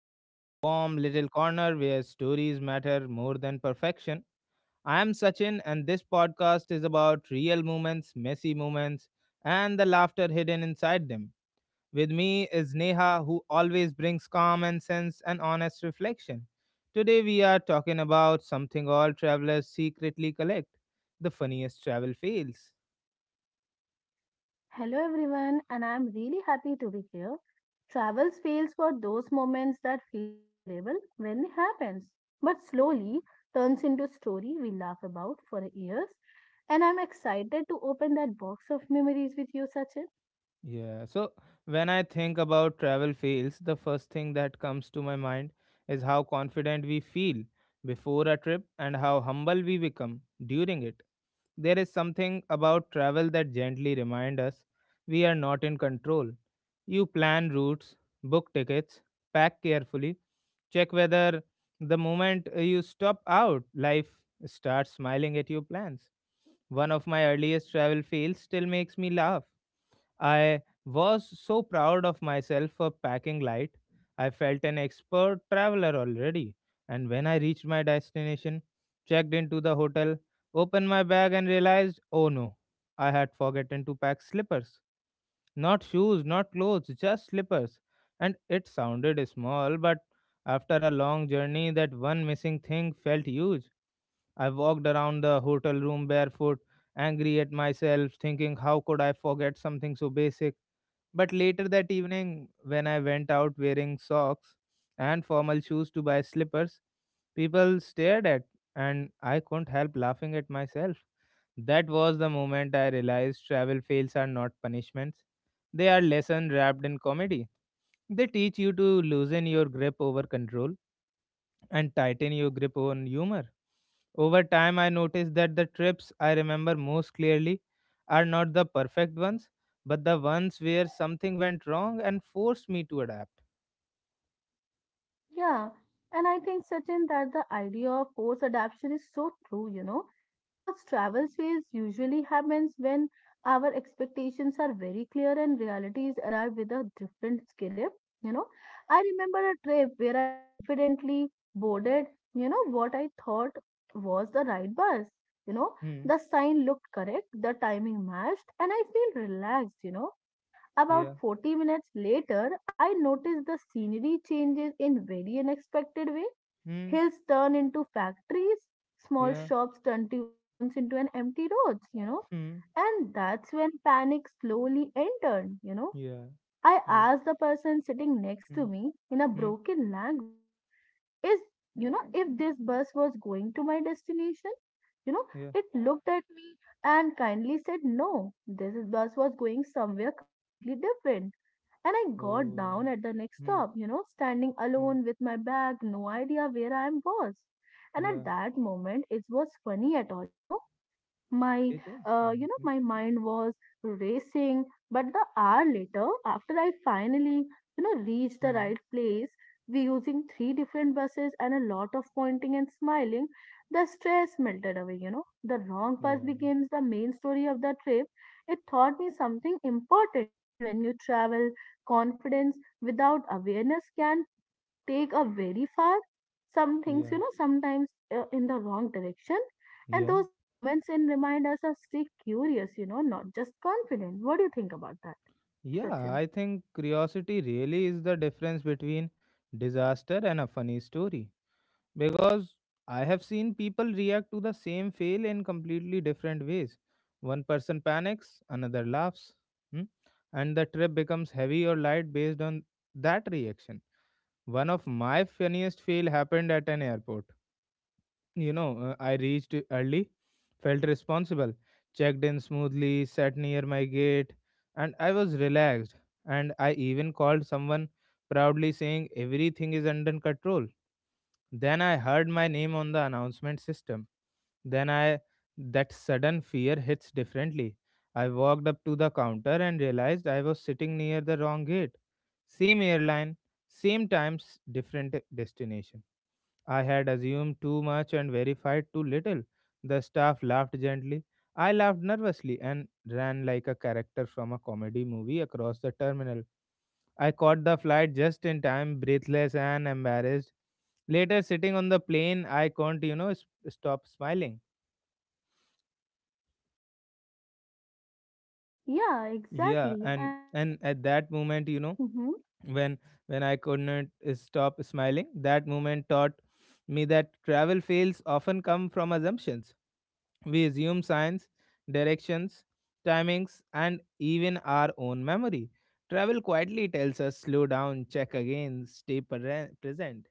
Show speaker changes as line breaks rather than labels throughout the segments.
to this warm little corner where stories matter more than perfection. I am Sachin, and this podcast is about real moments, messy moments, and the laughter hidden inside them. With me is Neha, who always brings calm and sense and honest reflection. Today, we are talking about something all travelers secretly collect the funniest travel fails.
Hello everyone, and I'm really happy to be here. Travel fails for those moments that feels terrible when it happens, but slowly turns into a story we laugh about for years. And I'm excited to open that box of memories with you, Sachin.
Yeah. So when I think about travel fails, the first thing that comes to my mind is how confident we feel before a trip and how humble we become during it. There is something about travel that gently reminds us we are not in control. You plan routes, book tickets, pack carefully, check whether the moment you stop out, life starts smiling at your plans. One of my earliest travel fails still makes me laugh. I was so proud of myself for packing light. I felt an expert traveler already. And when I reached my destination, checked into the hotel, opened my bag, and realized oh no, I had forgotten to pack slippers. Not shoes, not clothes, just slippers. And it sounded small, but after a long journey, that one missing thing felt huge. I walked around the hotel room barefoot, angry at myself, thinking how could I forget something so basic. But later that evening, when I went out wearing socks and formal shoes to buy slippers, people stared at and I couldn't help laughing at myself. That was the moment I realized travel fails are not punishments. They are lessons wrapped in comedy. They teach you to loosen your grip over control and tighten your grip on humor. Over time, I noticed that the trips I remember most clearly are not the perfect ones, but the ones where something went wrong and forced me to adapt.
Yeah, and I think certain that the idea of forced adaptation is so true, because travel phase usually happens when our expectations are very clear and realities arrive with a different script, you know. I remember a trip where I confidently boarded, what I thought was the right bus, you know,
Hmm.
the sign looked correct, the timing matched, and I feel relaxed about
Yeah.
40 minutes later, I noticed the scenery changes in very unexpected way.
Hmm.
Hills turn into factories, small
Yeah.
shops turns into an empty roads.
Hmm.
And that's when panic slowly entered.
Yeah.
I
Yeah.
asked the person sitting next
Hmm.
to me in a
Hmm.
broken language, is, if this bus was going to my destination? You know,
Yeah.
it looked at me and kindly said, no, this bus was going somewhere completely different and I got
Oh.
down at the next
Hmm.
stop, standing
Hmm.
alone with my bag, no idea where I was. And at
Yeah.
that moment, it was funny at all. My,
It is funny. Hmm.
my mind was racing, but the hour later, after I finally, reached the right
Hmm.
place, we using three different buses and a lot of pointing and smiling, the stress melted away. The wrong bus
Yeah.
becomes the main story of the trip. It taught me something important, when you travel, confidence without awareness can take a very far. Some things,
Yeah.
you know, sometimes in the wrong direction. And
Yeah.
those moments and remind us of stay curious, not just confident. What do you think about that,
Yeah,
Sachin?
I think curiosity really is the difference between disaster and a funny story because I have seen people react to the same fail in completely different ways. One person panics, another laughs, hmm, and the trip becomes heavy or light based on that reaction. One of my funniest fail happened at an airport. I reached early, felt responsible, checked in smoothly, sat near my gate, and I was relaxed. And I even called someone proudly saying everything is under control then I heard my name on the announcement system. Then I That sudden fear hits differently. I walked up to the counter and realized I was sitting near the wrong gate. Same airline, same times, different destination. I had assumed too much and verified too little. The staff laughed gently. I laughed nervously and ran like a character from a comedy movie across the terminal. I caught the flight just in time, breathless and embarrassed. Later, sitting on the plane, I can't, stop smiling.
Yeah,
Yeah,
exactly.
and
And
and at that moment, you know,
mhm.
when when I couldn't stop smiling, that moment taught me that travel fails often come from assumptions. We assume signs, directions, timings, and even our own memory. Travel quietly tells us slow down, check again, present.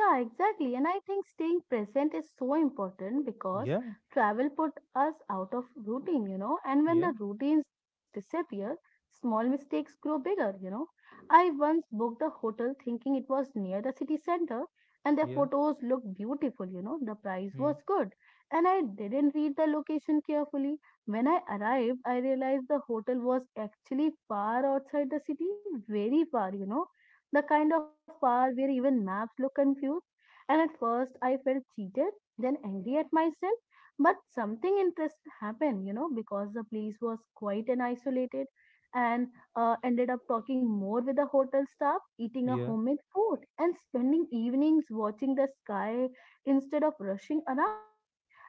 Yeah, exactly. And I think staying present is so important because
Yeah,
travel put us out of routine, and when
yeah,
the routines disappear, small mistakes grow bigger. I once booked a hotel thinking it was near the city center and the
yeah.
photos looked beautiful, the price
Hmm.
was good. And I didn't read the location carefully. When I arrived, I realized the hotel was actually far outside the city, very far, the kind of far where even maps look confused. And at first, I felt cheated, then angry at myself. But something interesting happened, because the place was quiet and isolated, and ended up talking more with the hotel staff, eating a
Yeah.
homemade food, and spending evenings watching the sky instead of rushing around.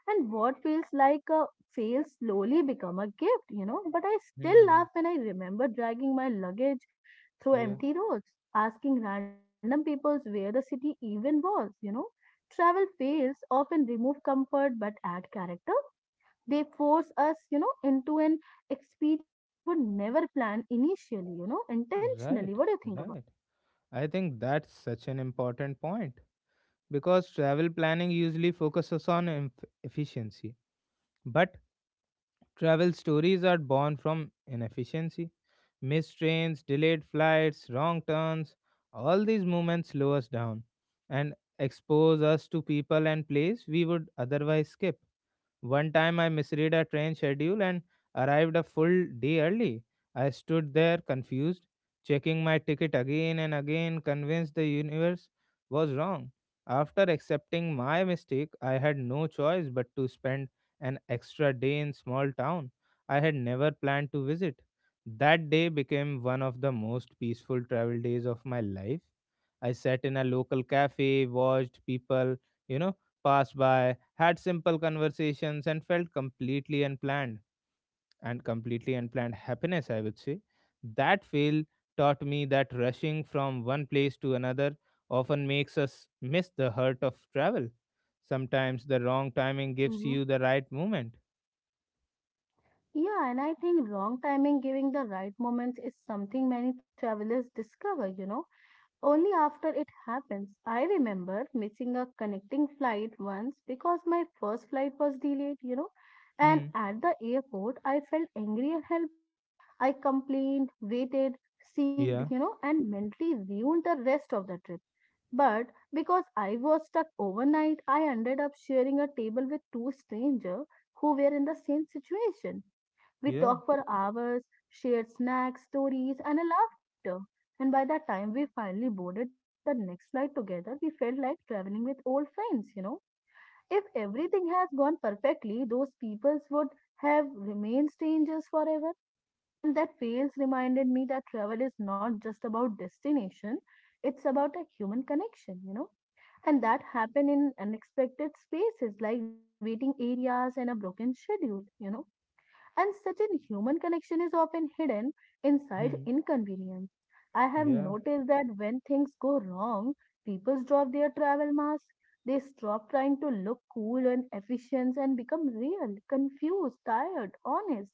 And what feels like a fail slowly become a gift. But I still
Hmm.
laugh when I remember dragging my luggage through
Yeah,
empty roads, asking random peoples where the city even was. Travel fails often remove comfort but add character. They force us, into an experience we would never plan initially, intentionally.
right,
What do you think about?
right. I think that's such an important point because travel planning usually focuses on efficiency, but travel stories are born from inefficiency. Missed trains, delayed flights, wrong turns, all these moments slow us down and expose us to people and place we would otherwise skip. One time I misread a train schedule and arrived a full day early. I stood there confused, checking my ticket again and again, convinced the universe was wrong. After accepting my mistake, I had no choice but to spend an extra day in small town I had never planned to visit. That day became one of the most peaceful travel days of my life. I sat in a local cafe, watched people, you know, pass by, had simple conversations, and felt completely unplanned and completely unplanned happiness, I would say. That fail taught me that rushing from one place to another often makes us miss the heart of travel. Sometimes the wrong timing gives
Hmm.
you the right moment.
Yeah, and I think wrong timing giving the right moments is something many travelers discover only after it happens. I remember missing a connecting flight once because my first flight was delayed.
Hmm.
And at the airport, I felt angry and helpless. I complained, waited, seeked,
Yeah.
you know, and mentally ruined the rest of the trip. But because I was stuck overnight, I ended up sharing a table with two strangers who were in the same situation. We
Yeah.
talk for hours, shared snacks, stories, and a laughter. And by the time we finally boarded the next flight together, we felt like traveling with old friends. If everything has gone perfectly, those peoples would have remained strangers forever. And that fails reminded me that travel is not just about destination, it's about a human connection. And that happened in unexpected spaces like waiting areas and a broken schedule, and such a human connection is often hidden inside
Hmm.
inconvenience. I have
Yeah.
noticed that when things go wrong, people drop their travel mask. They stop trying to look cool and efficient and become real, confused, tired, honest.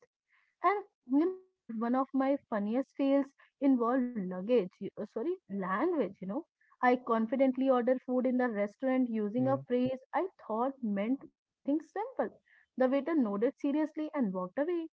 And you know what? One of my funniest fails involved luggage. Sorry, language. I confidently ordered food in the restaurant using a
Yeah.
phrase I thought meant something simple. The waiter nodded seriously and walked away.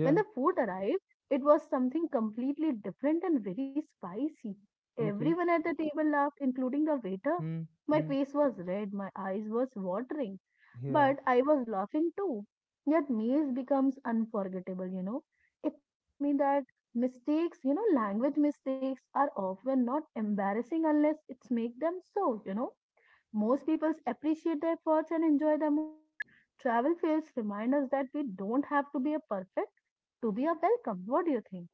When the food arrived, it was something completely different and very spicy. Everyone
Okay.
at the table laughed, including the waiter.
Hmm.
My
Hmm.
face was red, my eyes was watering,
Yeah.
but I was laughing too. Yet meals becomes unforgettable. It taught me that mistakes, language mistakes are often not embarrassing unless it's make them so, most people appreciate the efforts and enjoy the moments. Travel fails remind us that we don't have to be a perfect to be a welcome. What do you think?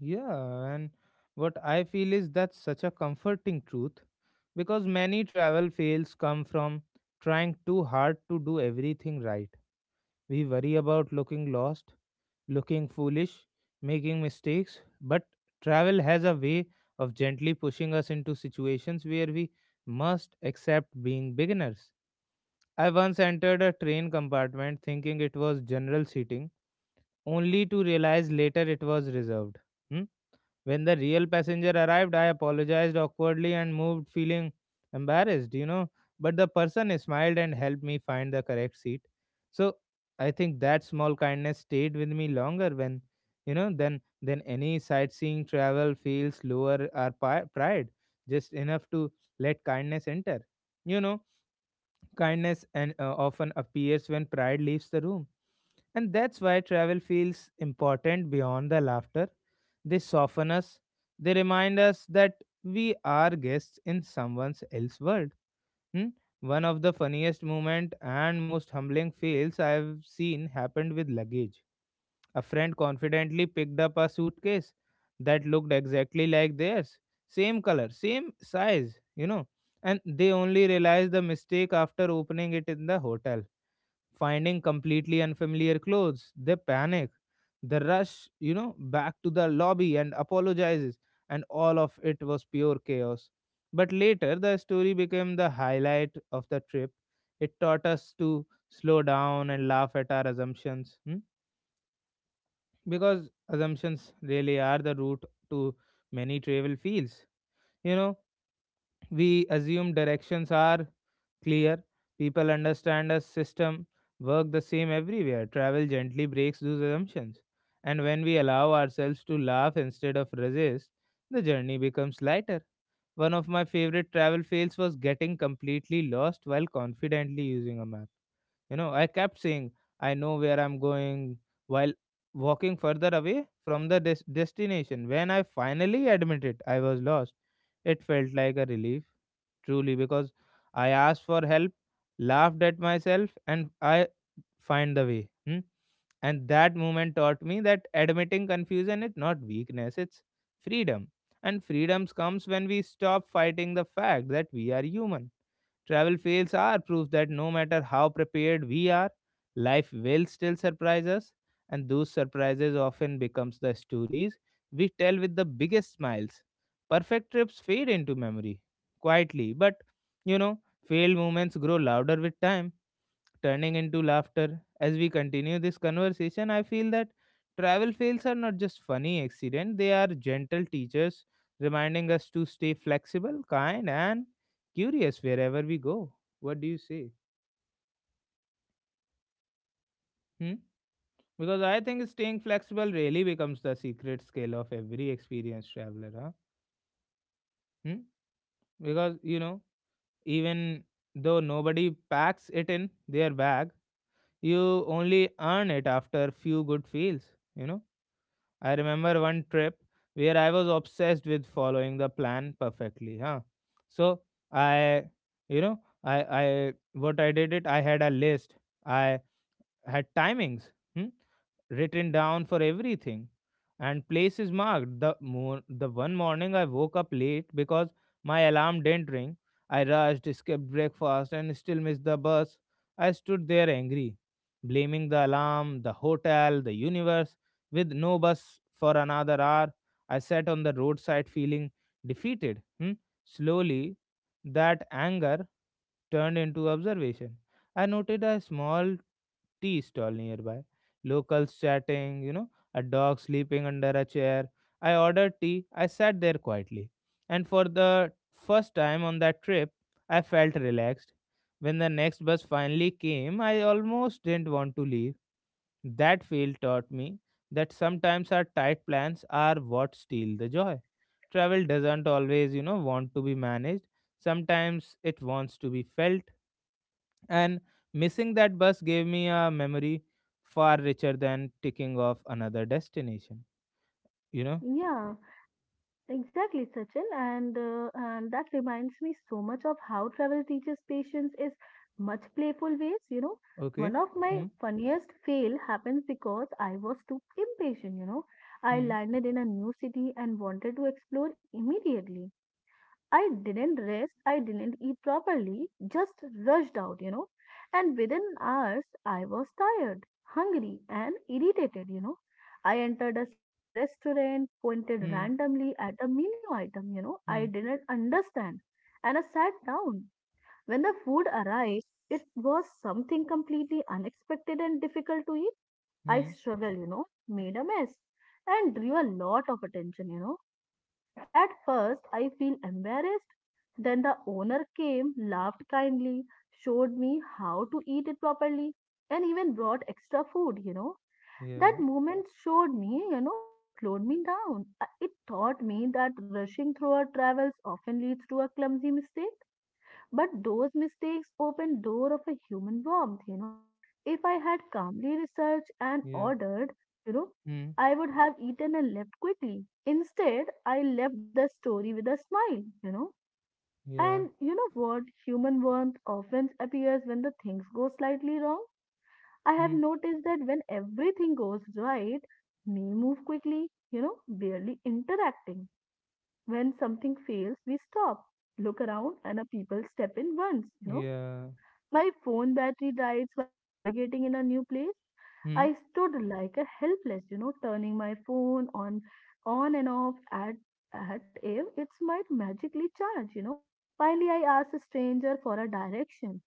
Yeah, and what I feel is that's such a comforting truth because many travel fails come from trying too hard to do everything right. We worry about looking lost, looking foolish, making mistakes, but travel has a way of gently pushing us into situations where we must accept being beginners. I once entered a train compartment thinking it was general seating, only to realize later it was reserved. Hmm? When the real passenger arrived, I apologized awkwardly and moved, feeling embarrassed, you know. But the person smiled and helped me find the correct seat. So I think that small kindness stayed with me longer when, you know, than any sightseeing travel feels lower our pride, just enough to let kindness enter. You know, kindness and often appears when pride leaves the room. And that's why travel feels important beyond the laughter. They soften us, they remind us that we are guests in someone else's world. Hmm? One of the funniest moment and most humbling fails I have seen happened with luggage. A friend confidently picked up a suitcase that looked exactly like theirs. Same color, same size, you know. And they only realized the mistake after opening it in the hotel. Finding completely unfamiliar clothes, they panic. The rush, you know, back to the lobby and apologizes. And all of it was pure chaos. But later, the story became the highlight of the trip. It taught us to slow down and laugh at our assumptions. Hmm, because assumptions really are the root to many travel fields. You know, we assume directions are clear, people understand a system, work the same everywhere. Travel gently breaks those assumptions. And when we allow ourselves to laugh instead of resist, the journey becomes lighter. One of my favorite travel fails was getting completely lost while confidently using a map. You know, I kept saying, I know where I'm going while walking further away from the destination. When I finally admitted I was lost, it felt like a relief, truly, because I asked for help, laughed at myself, and I find the way. Hmm? And that moment taught me that admitting confusion is not weakness, it's freedom. And freedoms comes when we stop fighting the fact that we are human. Travel fails are proof that no matter how prepared we are, life will still surprise us, and those surprises often becomes the stories we tell with the biggest smiles. Perfect trips fade into memory quietly, but you know, failed moments grow louder with time turning into laughter. As we continue this conversation, I feel that travel fails are not just funny accidents, they are gentle teachers reminding us to stay flexible, kind, and curious wherever we go. What do you say? Hmm? Because I think staying flexible really becomes the secret skill of every experienced traveler. Huh? Hmm? Because, you know, even though nobody packs it in their bag, you only earn it after few good fails. You know, I remember one trip where I was obsessed with following the plan perfectly, huh? So I, you know, I, what I did it, I had a list. I had timings, hmm, written down for everything and places marked. The one morning I woke up late because my alarm didn't ring. I rushed, skipped breakfast, and still missed the bus. I stood there angry, blaming the alarm, the hotel, the universe. With no bus for another hour, I sat on the roadside feeling defeated. Hmm. Slowly, that anger turned into observation. I noted a small tea stall nearby, locals chatting, you know, a dog sleeping under a chair. I ordered tea. I sat there quietly. And for the first time on that trip, I felt relaxed. When the next bus finally came, I almost didn't want to leave. That field taught me that sometimes our tight plans are what steal the joy. Travel doesn't always, you know, want to be managed. Sometimes it wants to be felt. And missing that bus gave me a memory far richer than ticking off another destination. You know?
Yeah, exactly, Sachin. And that reminds me so much of how travel teaches patience is much playful ways.
Okay.
One of my
Hmm.
funniest fail happens because I was too impatient. I
Hmm.
landed in a new city and wanted to explore immediately. I didn't rest, I didn't eat properly, just rushed out. And within hours, I was tired, hungry, and irritated. I entered a small restaurant, pointed
Hmm.
randomly at a menu item, I
Hmm.
didn't understand, and I sat down. When the food arrived, it was something completely unexpected and difficult to eat. I
Hmm.
struggled, made a mess, and drew a lot of attention. At first, I feel embarrassed. Then the owner came, laughed kindly, showed me how to eat it properly, and even brought extra food. That
Yeah.
moment showed me, it slowed me down. It taught me that rushing through our travels often leads to a clumsy mistake but those mistakes open door of a human warmth. If I had calmly researched and
Yeah.
ordered, you know,
Hmm.
I would have eaten and left quickly. Instead, I left the story with a smile. And
Yeah.
you know what? Human warmth often appears when the things go slightly wrong. I have
Hmm.
noticed that when everything goes right, we move quickly, barely interacting. When something fails, we stop, look around, and a people step in once,
Yeah.
my phone battery dies while navigating in a new place. I
Hmm.
stood like a helpless, turning my phone on and off at if it might magically charge. Finally I asked a stranger for a direction.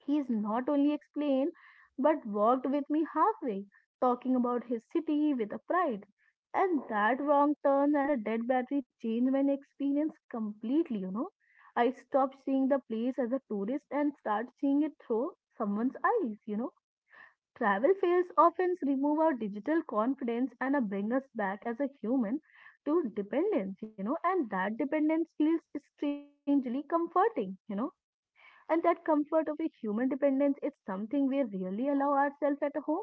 He is not only explained, but walked with me halfway, talking about his city with a pride. And that wrong turn and a dead battery changed my experience completely. I stopped seeing the place as a tourist and start seeing it through someone's eyes. Travel fails often remove our digital confidence and bring us back as a human to dependence, and that dependence feels strangely comforting, and that comfort of a human dependence is something we really allow ourselves at home.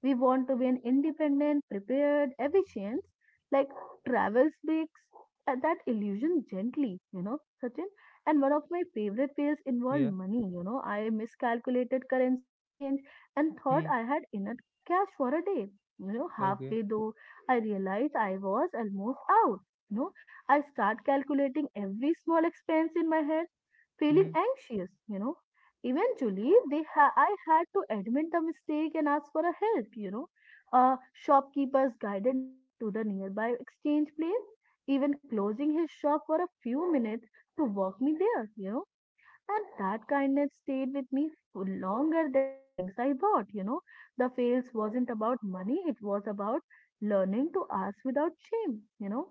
We want to be an independent, prepared, efficient, like travel speaks at that illusion gently, Sachin. And one of my favorite fails involved
Yeah.
money. I miscalculated currency exchange and thought
Hmm.
I had enough cash for a day.
Okay.
Halfway though, I realized I was almost out. You know, I start calculating every small expense in my head, feeling
Hmm.
anxious, eventually I had to admit the mistake and ask for a help. Shopkeepers guided me to the nearby exchange place even closing his shop for a few minutes to walk me there, and that kindness stayed with me for longer than the things I bought. The fails wasn't about money, it was about learning to ask without shame.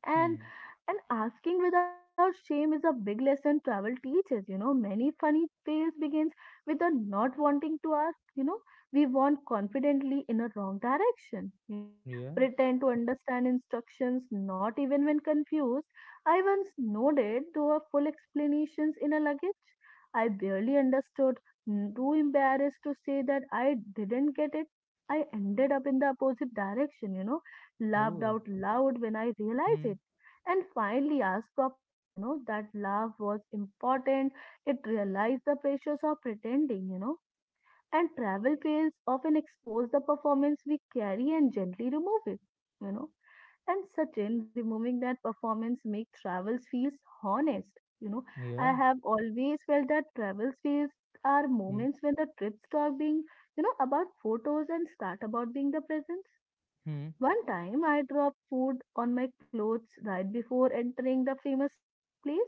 And
Hmm.
asking without shame is a big lesson travel teaches. You know, many funny tales begins with a not wanting to ask. You know, we want confidently in a wrong direction. You know,
Yeah.
pretend to understand instructions, not even when confused. I once nodded to a full explanations in a luggage. I barely understood, too embarrassed to say that I didn't get it. I ended up in the opposite direction. Laughed
Oh.
out loud when I realized it,
Hmm.
and finally asked properly, that love was important. It realized the pressures of pretending, and travel fails often expose the performance we carry and gently remove it, you know. And certain removing that performance make travels feels honest. You know, I
Yeah.
have always felt that travels feels are
Hmm.
moments when the trips stop being about photos and start about being the present.
Hmm.
One time I dropped food on my clothes right before entering the famous place.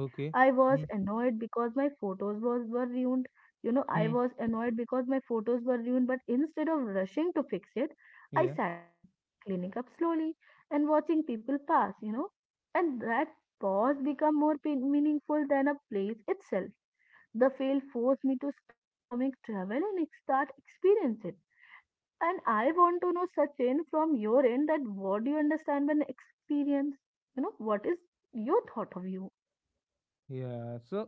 Okay.
I was
Hmm.
annoyed because my photos were ruined. I
Hmm.
was annoyed because my photos were ruined, but instead of rushing to fix it, I
Yeah.
sat down, cleaning up slowly and watching people pass. And that pause become more meaningful than a place itself. The fail forced me to stop performing travel and start experiencing it. And I want to know, Sachin, from your end, that what do you understand by an experience? What is your thought of you?
Yeah. So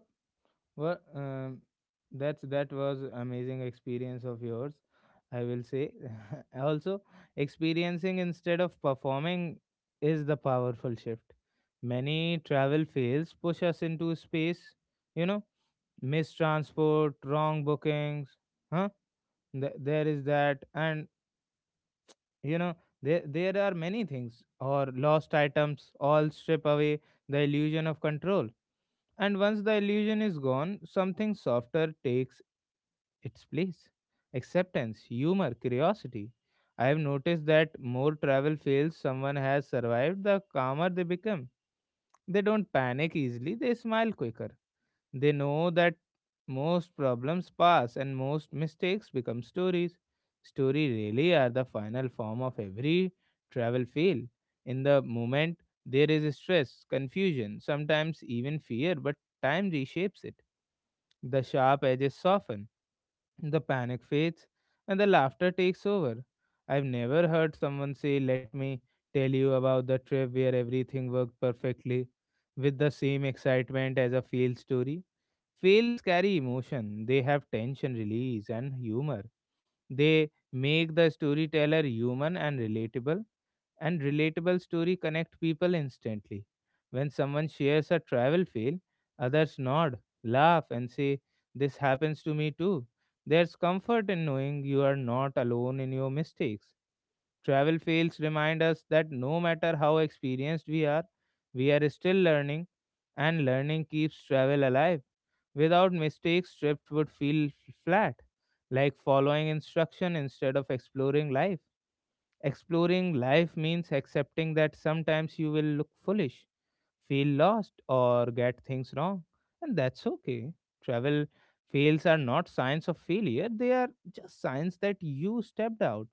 well, that's that was amazing experience of yours, I will say. Also, experiencing instead of performing is the powerful shift. Many travel fails push us into space, you know, missed transport, wrong bookings, huh? There is that, and you know, there are many things or lost items all strip away the illusion of control. And once the illusion is gone, something softer takes its place. Acceptance, humor, curiosity. I have noticed that more travel fails someone has survived, the calmer they become. They don't panic easily, they smile quicker. They know that most problems pass and most mistakes become stories. Story really are the final form of every travel fail. In the moment, there is stress, confusion, sometimes even fear, but time reshapes it. The sharp edges soften, the panic fades, and the laughter takes over. I've never heard someone say, "Let me tell you about the trip where everything worked perfectly," with the same excitement as a failed story. Fails carry emotion, they have tension release and humor. They make the storyteller human and relatable story connect people instantly. When someone shares a travel fail, others nod, laugh, and say, "This happens to me too." There's comfort in knowing you are not alone in your mistakes. Travel fails remind us that no matter how experienced we are still learning, and learning keeps travel alive. Without mistakes, trips would feel flat, like following instruction instead of exploring life. Exploring life means accepting that sometimes you will look foolish, feel lost, or get things wrong, and that's okay. Travel fails are not signs of failure, they are just signs that you stepped out,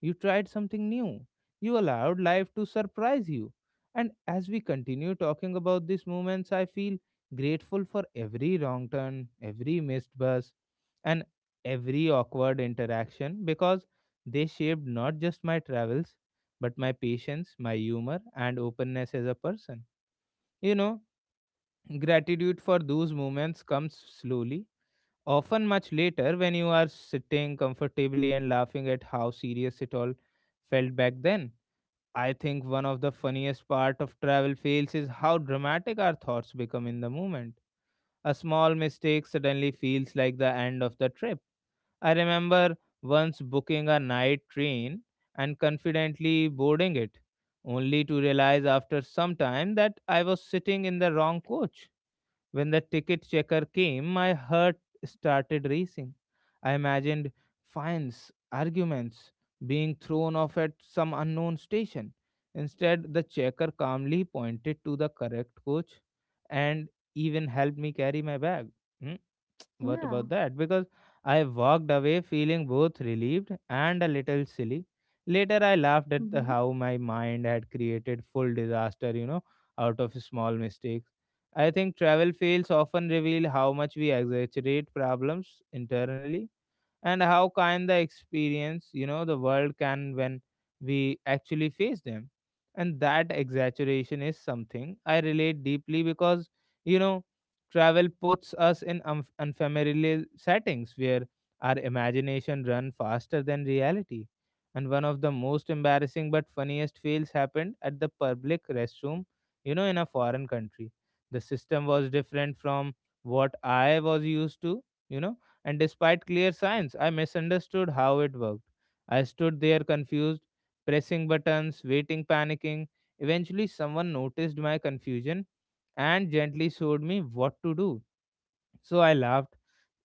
you tried something new, you allowed life to surprise you. And as we continue talking about these moments, I feel grateful for every wrong turn, every missed bus, and every awkward interaction because they shaped not just my travels, but my patience, my humor, and openness as a person. You know, gratitude for those moments comes slowly, often much later when you are sitting comfortably and laughing at how serious it all felt back then. I think one of the funniest part of travel fails is how dramatic our thoughts become in the moment. A small mistake suddenly feels like the end of the trip. I remember once booking a night train and confidently boarding it, only to realize after some time that I was sitting in the wrong coach. When the ticket checker came, my heart started racing. I imagined fines, arguments, being thrown off at some unknown station. Instead, the checker calmly pointed to the correct coach and even helped me carry my bag. Hmm? What about
Yeah.
that? Because I walked away feeling both relieved and a little silly. Later, I laughed at
Mm-hmm.
how my mind had created full disaster, out of small mistakes. I think travel fails often reveal how much we exaggerate problems internally and how kind the experience, the world can when we actually face them. And that exaggeration is something I relate deeply because, you know travel puts us in unfamiliar settings where our imagination run faster than reality. And one of the most embarrassing but funniest fails happened at the public restroom, you know, in a foreign country. The system was different from what I was used to, you know. And despite clear signs, I misunderstood how it worked. I stood there confused, pressing buttons, waiting, panicking. Eventually, someone noticed my confusion and gently showed me what to do. So I laughed,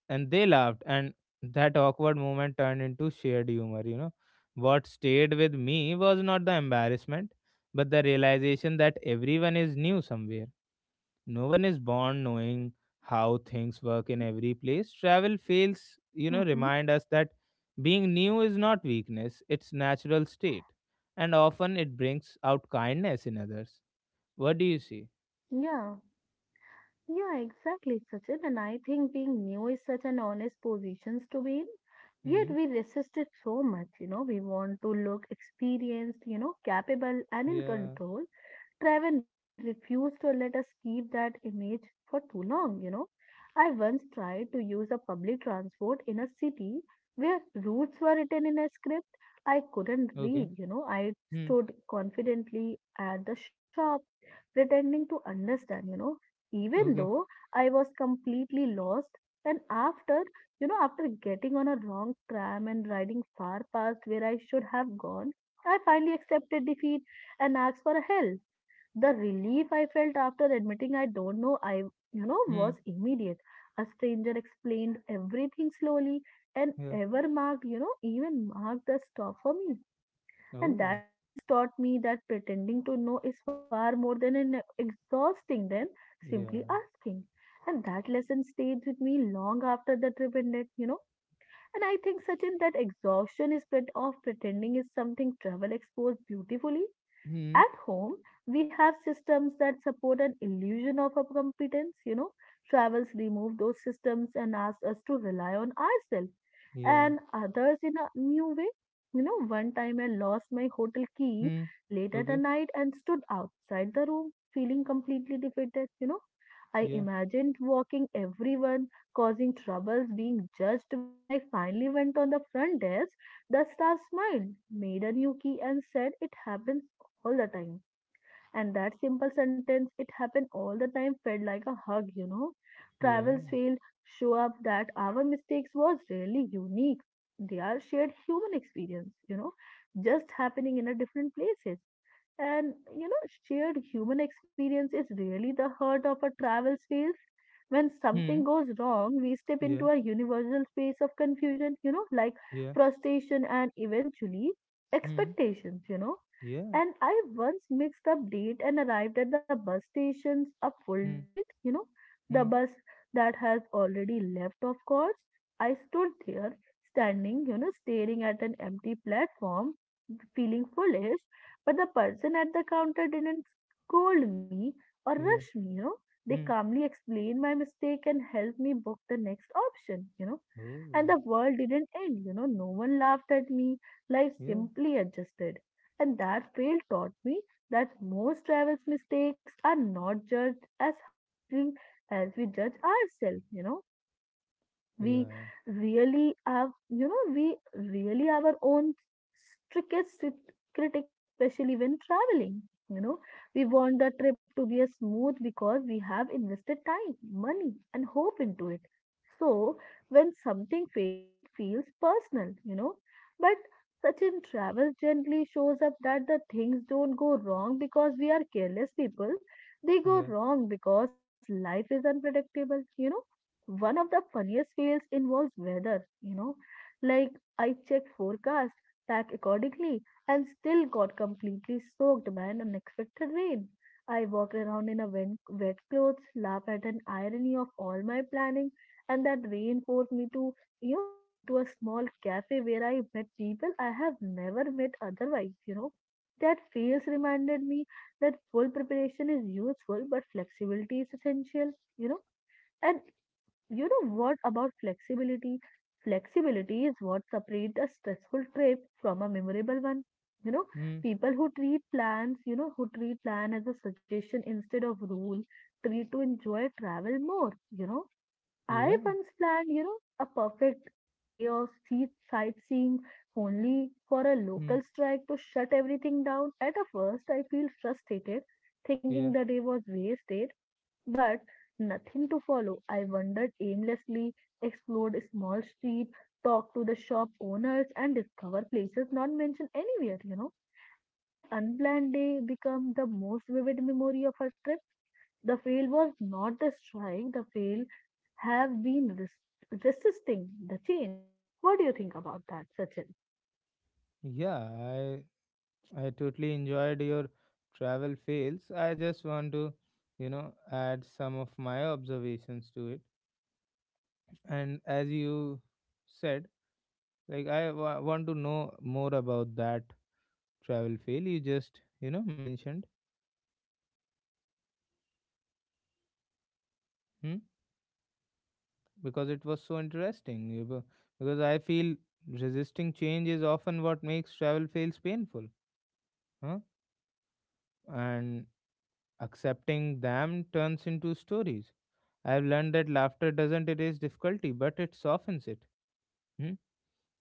and they laughed, and that awkward moment turned into shared humor, you know. What stayed with me was not the embarrassment, but the realization that everyone is new somewhere. No one is born knowing how things work in every place. Travel fails,
Mm-hmm.
remind us that being new is not weakness, it's natural state, and often it brings out kindness in others. What do you see?
Yeah. Yeah, exactly, Sachin. And I think being new is such an honest position to be in. Yet
Hmm.
we resist it so much. We want to look experienced, capable and in
Yeah.
control. Travel refused to let us keep that image for too long. I once tried to use a public transport in a city where routes were written in a script I couldn't
Okay.
read. I
Hmm.
stood confidently at the shop, pretending to understand, even
Okay.
though I was completely lost. And after getting on a wrong tram and riding far past where I should have gone, I finally accepted defeat and asked for help. The relief I felt after admitting I don't know, was
Hmm.
immediate. A stranger explained everything slowly and
Yeah.
ever marked, you know, even marked the stop for me. And
Oh.
that phase taught me that pretending to know is far more than an exhausting than simply
Yeah.
asking. And that lesson stayed with me long after the trip ended. And I think, Sachin, that exhaustion of pretending is something travel exposed beautifully.
Hmm.
At home, we have systems that support an illusion of our competence. Travels remove those systems and ask us to rely on ourselves
Yeah.
and others in a new way. One time I lost my hotel key
Hmm.
late at
Okay.
the night and stood outside the room feeling completely defeated. I
Yeah.
imagined walking everyone, causing troubles, being judged. When I finally went on the front desk, the staff smiled, made a new key, and said, "It happens all the time." And that simple sentence, "it happened all the time," felt like a hug. Travels
Yeah.
failed, show up that our mistakes was really unique. They are shared human experience, just happening in a different places. And shared human experience is really the heart of a travel space. When
Hmm.
something goes wrong, we step
Yeah.
into a universal space of confusion, like
Yeah.
frustration and eventually
Hmm.
expectations.
Yeah.
And I once mixed up date and arrived at the bus stations a full day
Hmm.
late, the
Hmm.
bus that has already left, of course. I stood there, staring at an empty platform, feeling foolish, but the person at the counter didn't scold me or rush
Yeah.
me. They
Hmm.
calmly explained my mistake and helped me book the next option.
Oh.
And the world didn't end; no one laughed at me. Life
Yeah.
simply adjusted. And that fail taught me that most travels mistakes are not judged as harshly as we judge ourselves. we
Yeah.
we really have our own strictest critics, especially when traveling you know we want the trip to be a smooth because we have invested time, money, and hope into it. So when something fails, it feels personal, but such in travel gently shows up that the things don't go wrong because we are careless people, they go
Yeah.
wrong because life is unpredictable. One of the funniest fails involves weather. Like, I checked forecast, packed accordingly, and still got completely soaked by an unexpected rain. I walked around in a wet clothes, laughed at an irony of all my planning, and that rain forced me into a small cafe where I met people I have never met otherwise. That fails reminded me that full preparation is useful, but flexibility is essential, you know and you know what about flexibility? Flexibility is what separates a stressful trip from a memorable one. You know,
Hmm.
people who treat plans, who treat plan as a suggestion instead of rule, treat to enjoy travel more. I
Yeah.
once planned a perfect day of sea sightseeing only for a
Hmm.
local strike to shut everything down. At a first, I feel frustrated, thinking
Yeah.
the day was wasted but nothing to follow. I wandered aimlessly, explored a small street, talked to the shop owners, and discovered places not mentioned anywhere. And that unplanned day became the most vivid memory of our trip. The fail was not the strike, the fail have been resisting the change. What do you think about that, Sachin?
Yeah. I totally enjoyed your travel fails. I just want to, you know, add some of my observations to it. And as you said, like I want to know more about that travel fail you just, you know, mentioned. Hmm. Because it was so interesting. You know, because I feel resisting change is often what makes travel fails painful. Huh? And accepting them turns into stories. I have learned that laughter doesn't erase difficulty, but it softens it. Hmm?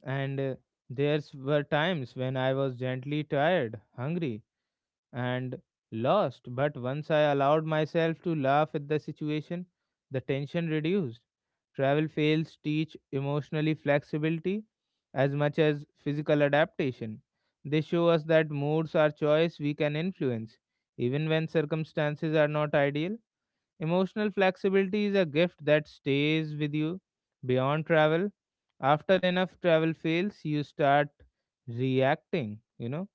And there were times when I was gently tired, hungry, and lost, but once I allowed myself to laugh at the situation, the tension reduced. Travel fails teach emotionally flexibility as much as physical adaptation. They show us that moods are choice we can influence, even when circumstances are not ideal. Emotional flexibility is a gift that stays with you beyond travel. After enough travel fails, you start reacting, you know,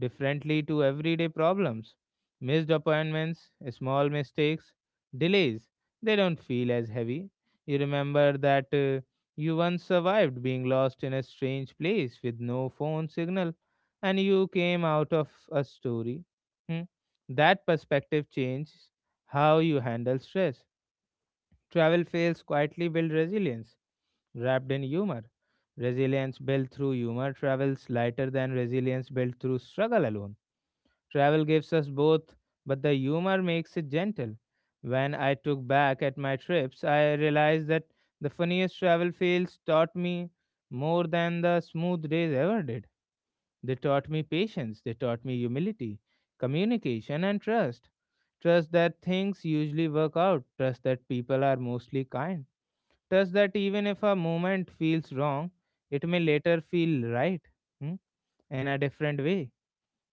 differently to everyday problems. Missed appointments, small mistakes, delays, they don't feel as heavy. You remember that you once survived being lost in a strange place with no phone signal and you came out of a story. Hmm? That perspective change how you handle stress. Travel fails quietly build resilience, wrapped in humor. Resilience built through humor travels lighter than resilience built through struggle alone. Travel gives us both, but the humor makes it gentle. When I took back at my trips, I realized that the funniest travel fails taught me more than the smooth days ever did. They taught me patience, they taught me humility, communication, and trust. Trust that things usually work out, trust that people are mostly kind, trust that even if a moment feels wrong, it may later feel right. Hmm? In a different way.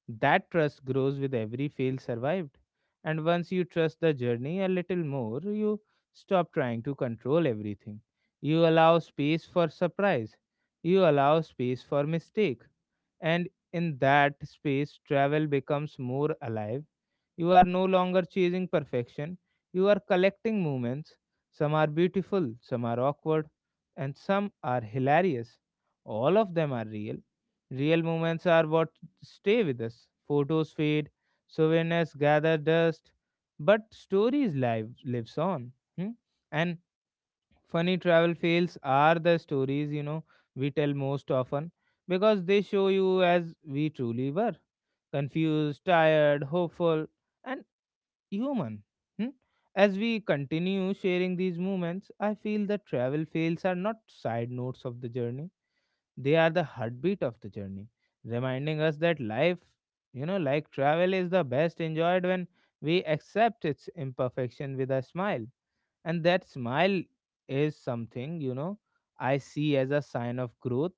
That trust grows with every fail survived. And once you trust the journey a little more, you stop trying to control everything. You allow space for surprise. You allow space for mistake, and in that space travel becomes more alive. You are no longer chasing perfection, you are collecting moments. Some are beautiful, some are awkward, and some are hilarious. All of them are real. Real moments are what stay with us. Photos fade, souvenirs gather dust, but stories live lives on. Hmm? And funny travel fails are the stories, you know, we tell most often because they show you as we truly were: confused, tired, hopeful, and human. Hmm? As we continue sharing these moments, I feel that travel fails are not side notes of the journey, they are the heartbeat of the journey, reminding us that life, you know, like travel, is the best enjoyed when we accept its imperfection with a smile. And that smile is something, you know, I see as a sign of growth.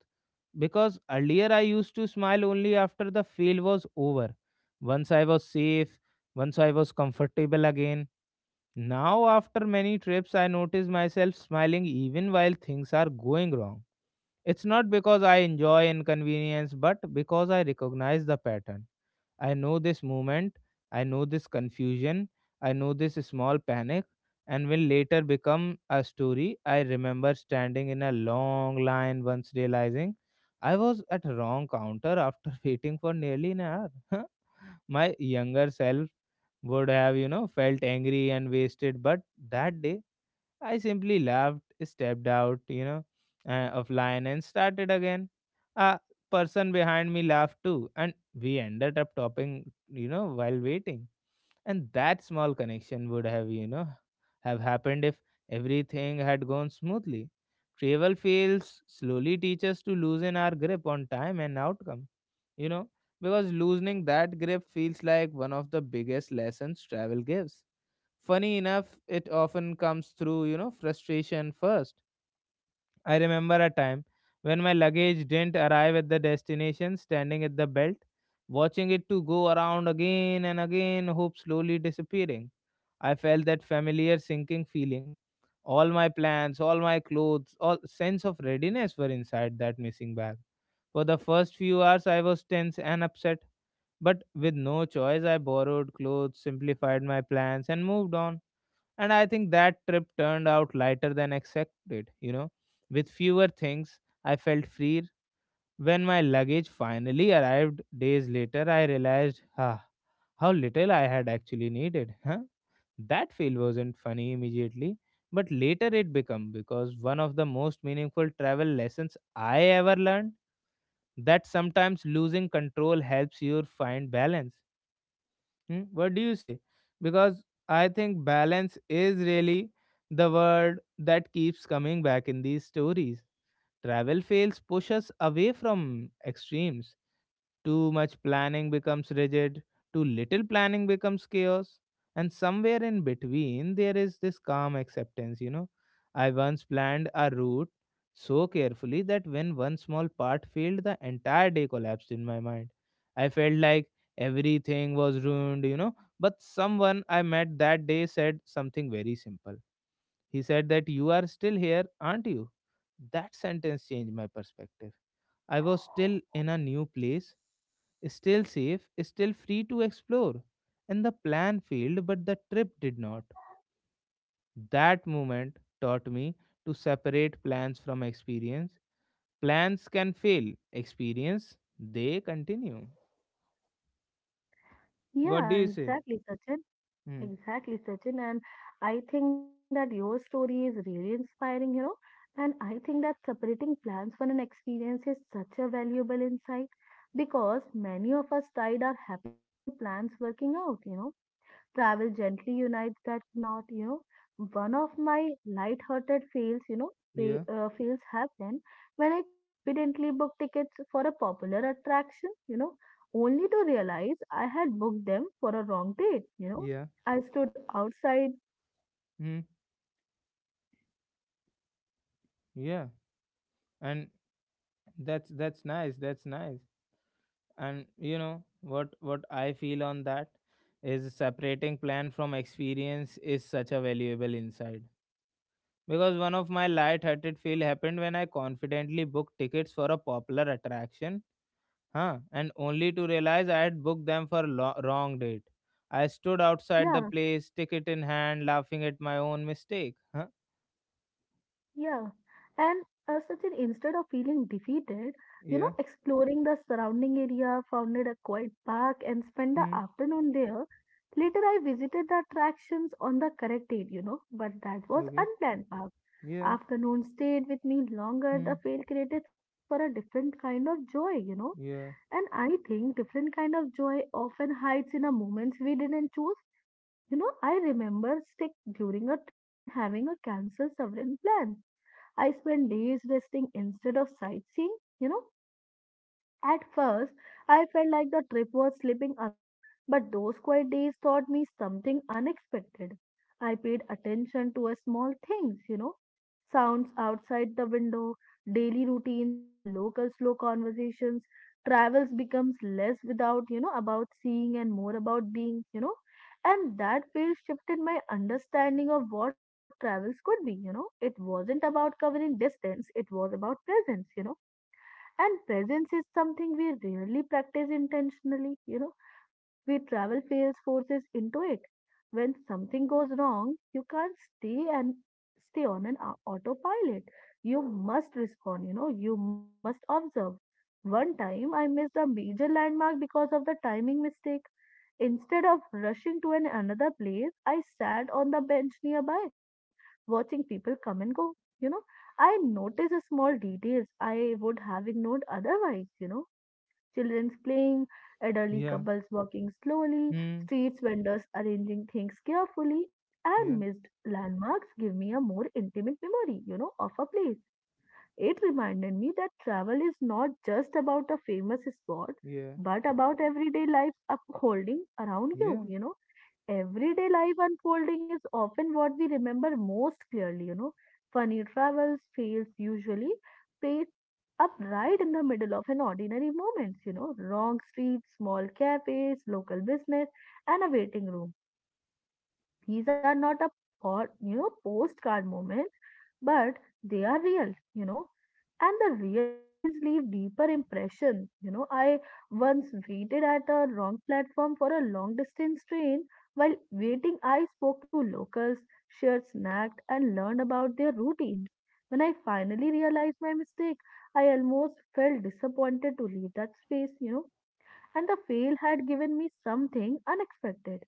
Because earlier I used to smile only after the fail was over, once I was safe, once I was comfortable again. Now after many trips I notice myself smiling even while things are going wrong. It's not because I enjoy inconvenience but because I recognize the pattern. I know this moment, I know this confusion, I know this small panic, and will later become a story. I remember standing in a long line once, realizing I was at wrong counter after waiting for nearly an hour. My younger self would have, you know, felt angry and wasted, but that day I simply laughed, stepped out, of line and started again. A person behind me laughed too, and we ended up topping, you know, while waiting. And that small connection would have, you know, have happened if everything had gone smoothly. Travel fails slowly teach us to loosen our grip on time and outcome, you know, because loosening that grip feels like one of the biggest lessons travel gives. Funny enough, it often comes through, you know, frustration first. I remember a time when my luggage didn't arrive at the destination, standing at the belt, watching it to go around again and again, hope slowly disappearing. I felt that familiar sinking feeling. All my plans, all my clothes, all sense of readiness were inside that missing bag. For the first few hours, I was tense and upset, but with no choice, I borrowed clothes, simplified my plans, and moved on. And I think that trip turned out lighter than expected, you know. With fewer things, I felt freer. When my luggage finally arrived days later, I realized ah, how little I had actually needed. Huh? That feel wasn't funny immediately, but later it became because one of the most meaningful travel lessons I ever learned: that sometimes losing control helps you find balance. Hmm? What do you say? Because I think balance is really the word that keeps coming back in these stories. Travel fails push us away from extremes. Too much planning becomes rigid, too little planning becomes chaos, and somewhere in between there is this calm acceptance, you know. I once planned a route so carefully that when one small part failed, the entire day collapsed in my mind. I felt like everything was ruined, you know. But someone I met that day said something very simple. He said that you are still here, aren't you? That sentence changed my perspective. I was still in a new place, still safe, still free to explore. And the plan failed, but the trip did not. That moment taught me to separate plans from experience. Plans can fail, experience, they continue.
Yeah,
What do you say?
exactly, Sachin.
Hmm.
Exactly, Sachin. And I think that your story is really inspiring. And I think that separating plans from an experience is such a valuable insight because many of us tied our happiness to plans working out. Travel gently unites that knot. One of my light-hearted fails, you know, fa-
Yeah,
fails happen when I confidently book tickets for a popular attraction, only to realize I had booked them for a wrong date.
yeah.
I stood outside,
Hmm. Yeah. And that's nice, that's nice. And you know what I feel on that is separating plan from experience is such a valuable insight, because one of my light-hearted feel happened when I confidently booked tickets for a popular attraction, and only to realize I had booked them for wrong date. I stood outside the
yeah.
place, ticket in hand, laughing at my own mistake.
Yeah, and Sachin, instead of feeling defeated,
Yeah.
exploring the surrounding area, founded a quiet park, and spent the
Hmm.
afternoon there. Later, I visited the attractions on the correct date, but that was
Okay.
unplanned park.
Yeah.
Afternoon stayed with me longer. The
Hmm.
fail created space for a different kind of joy.
Yeah,
And I think different kind of joy often hides in a moments we didn't choose. I remember sick during a trip and having a cancel several plans. I spend days resting instead of sightseeing. At first, I felt like the trip was slipping away, but those quiet days taught me something unexpected. I paid attention to a small things, sounds outside the window, daily routines of a local slow conversations. Travels becomes less without, about seeing and more about being. And that field shifted my understanding of what travels could be. It wasn't about covering distance, it was about presence. And presence is something we rarely practice intentionally. We travel fails forces into it. When something goes wrong, you can't stay on an autopilot. You must respond, you must observe. One time I missed a major landmark because of the timing mistake. Instead of rushing to an another place, I sat on the bench nearby, watching people come and go. You know, I notice the small details I would have ignored otherwise. Children's playing, elderly
yeah.
couples walking slowly,
Hmm.
streets vendors arranging things carefully, and
Yeah,
missed landmarks give me a more intimate memory, of a place. It reminded me that travel is not just about a famous spot,
yeah,
but about everyday life upholding around you,
yeah,
you know everyday life unfolding is often what we remember most clearly. Funny travels fails usually paid up right in the middle of an ordinary moments, wrong street, small cafes, local business, and a waiting room. These are not a or you know postcard moments, but they are real. And the real moments leave deeper impression. I once waited at a wrong platform for a long distance train. While waiting, I spoke to locals, shared snacks, and learned about their routines. When I finally realized my mistake, I almost felt disappointed to leave that space. And the fail had given me something unexpected,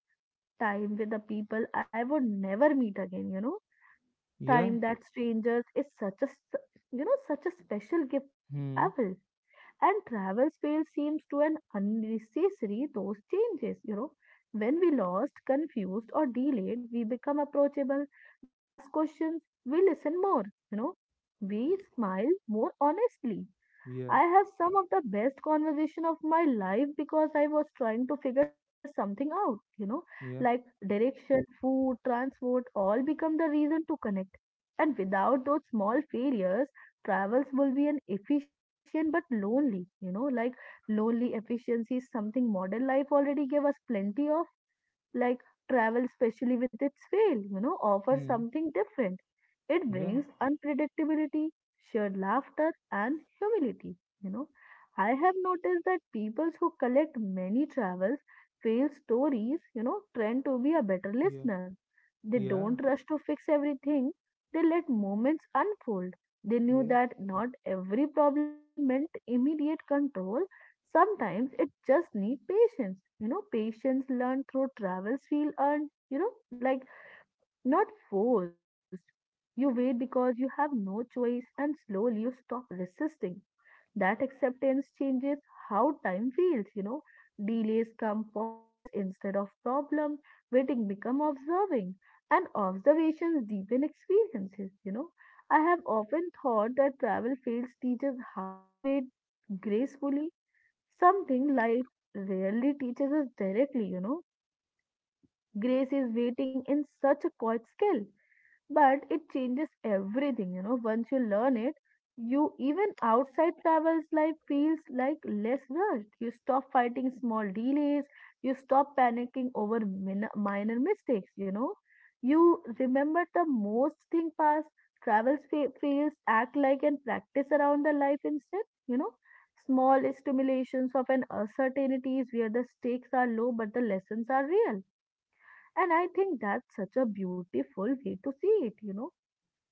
time with the people I would never meet again.
yeah.
Time that strangers is such a, s- you know, such a special gift of
Hmm.
travel. And travel space seems to an unnecessary those changes. When we lost, confused, or delayed, we become approachable. We ask questions. We listen more, you know. We smile more honestly.
Yeah.
I have some of the best conversation of my life because I was trying to figure something out, like
Yeah.
direction, food, transport, all become the reason to connect. And without those small failures, travels will be an efficient but lonely. Like, lonely efficiency is something modern life already gave us plenty of. Like, travel, especially with its scale, offers
Hmm.
something different. It
Yeah.
brings unpredictability, shared laughter, and humility. You know, I have noticed that people who collect many travels fail stories, tend to be a better
Yeah.
listener. They
Yeah.
don't rush to fix everything, they let moments unfold. They knew
Yeah.
that not every problem need meant immediate control. Sometimes it just need patience. Patience learned through travels feel earned, like not forced. You wait because you have no choice and slowly you stop resisting. That acceptance changes how time feels. Delays come pauses instead of problem. Waiting become observing. And observations deepen experiences. I have often thought that travel fields teaches how to wait gracefully. Something life rarely teaches us directly. Grace is waiting in such a quiet skill, but it changes everything once you learn it. You even outside travels life feels like less rushed. You stop fighting small delays, you stop panicking over minor mistakes. You remember the most thing past travels feels act like and practice around the life instead. Small stimulations of an uncertainties where the stakes are low but the lessons are real. And I think that's such a beautiful way to see it.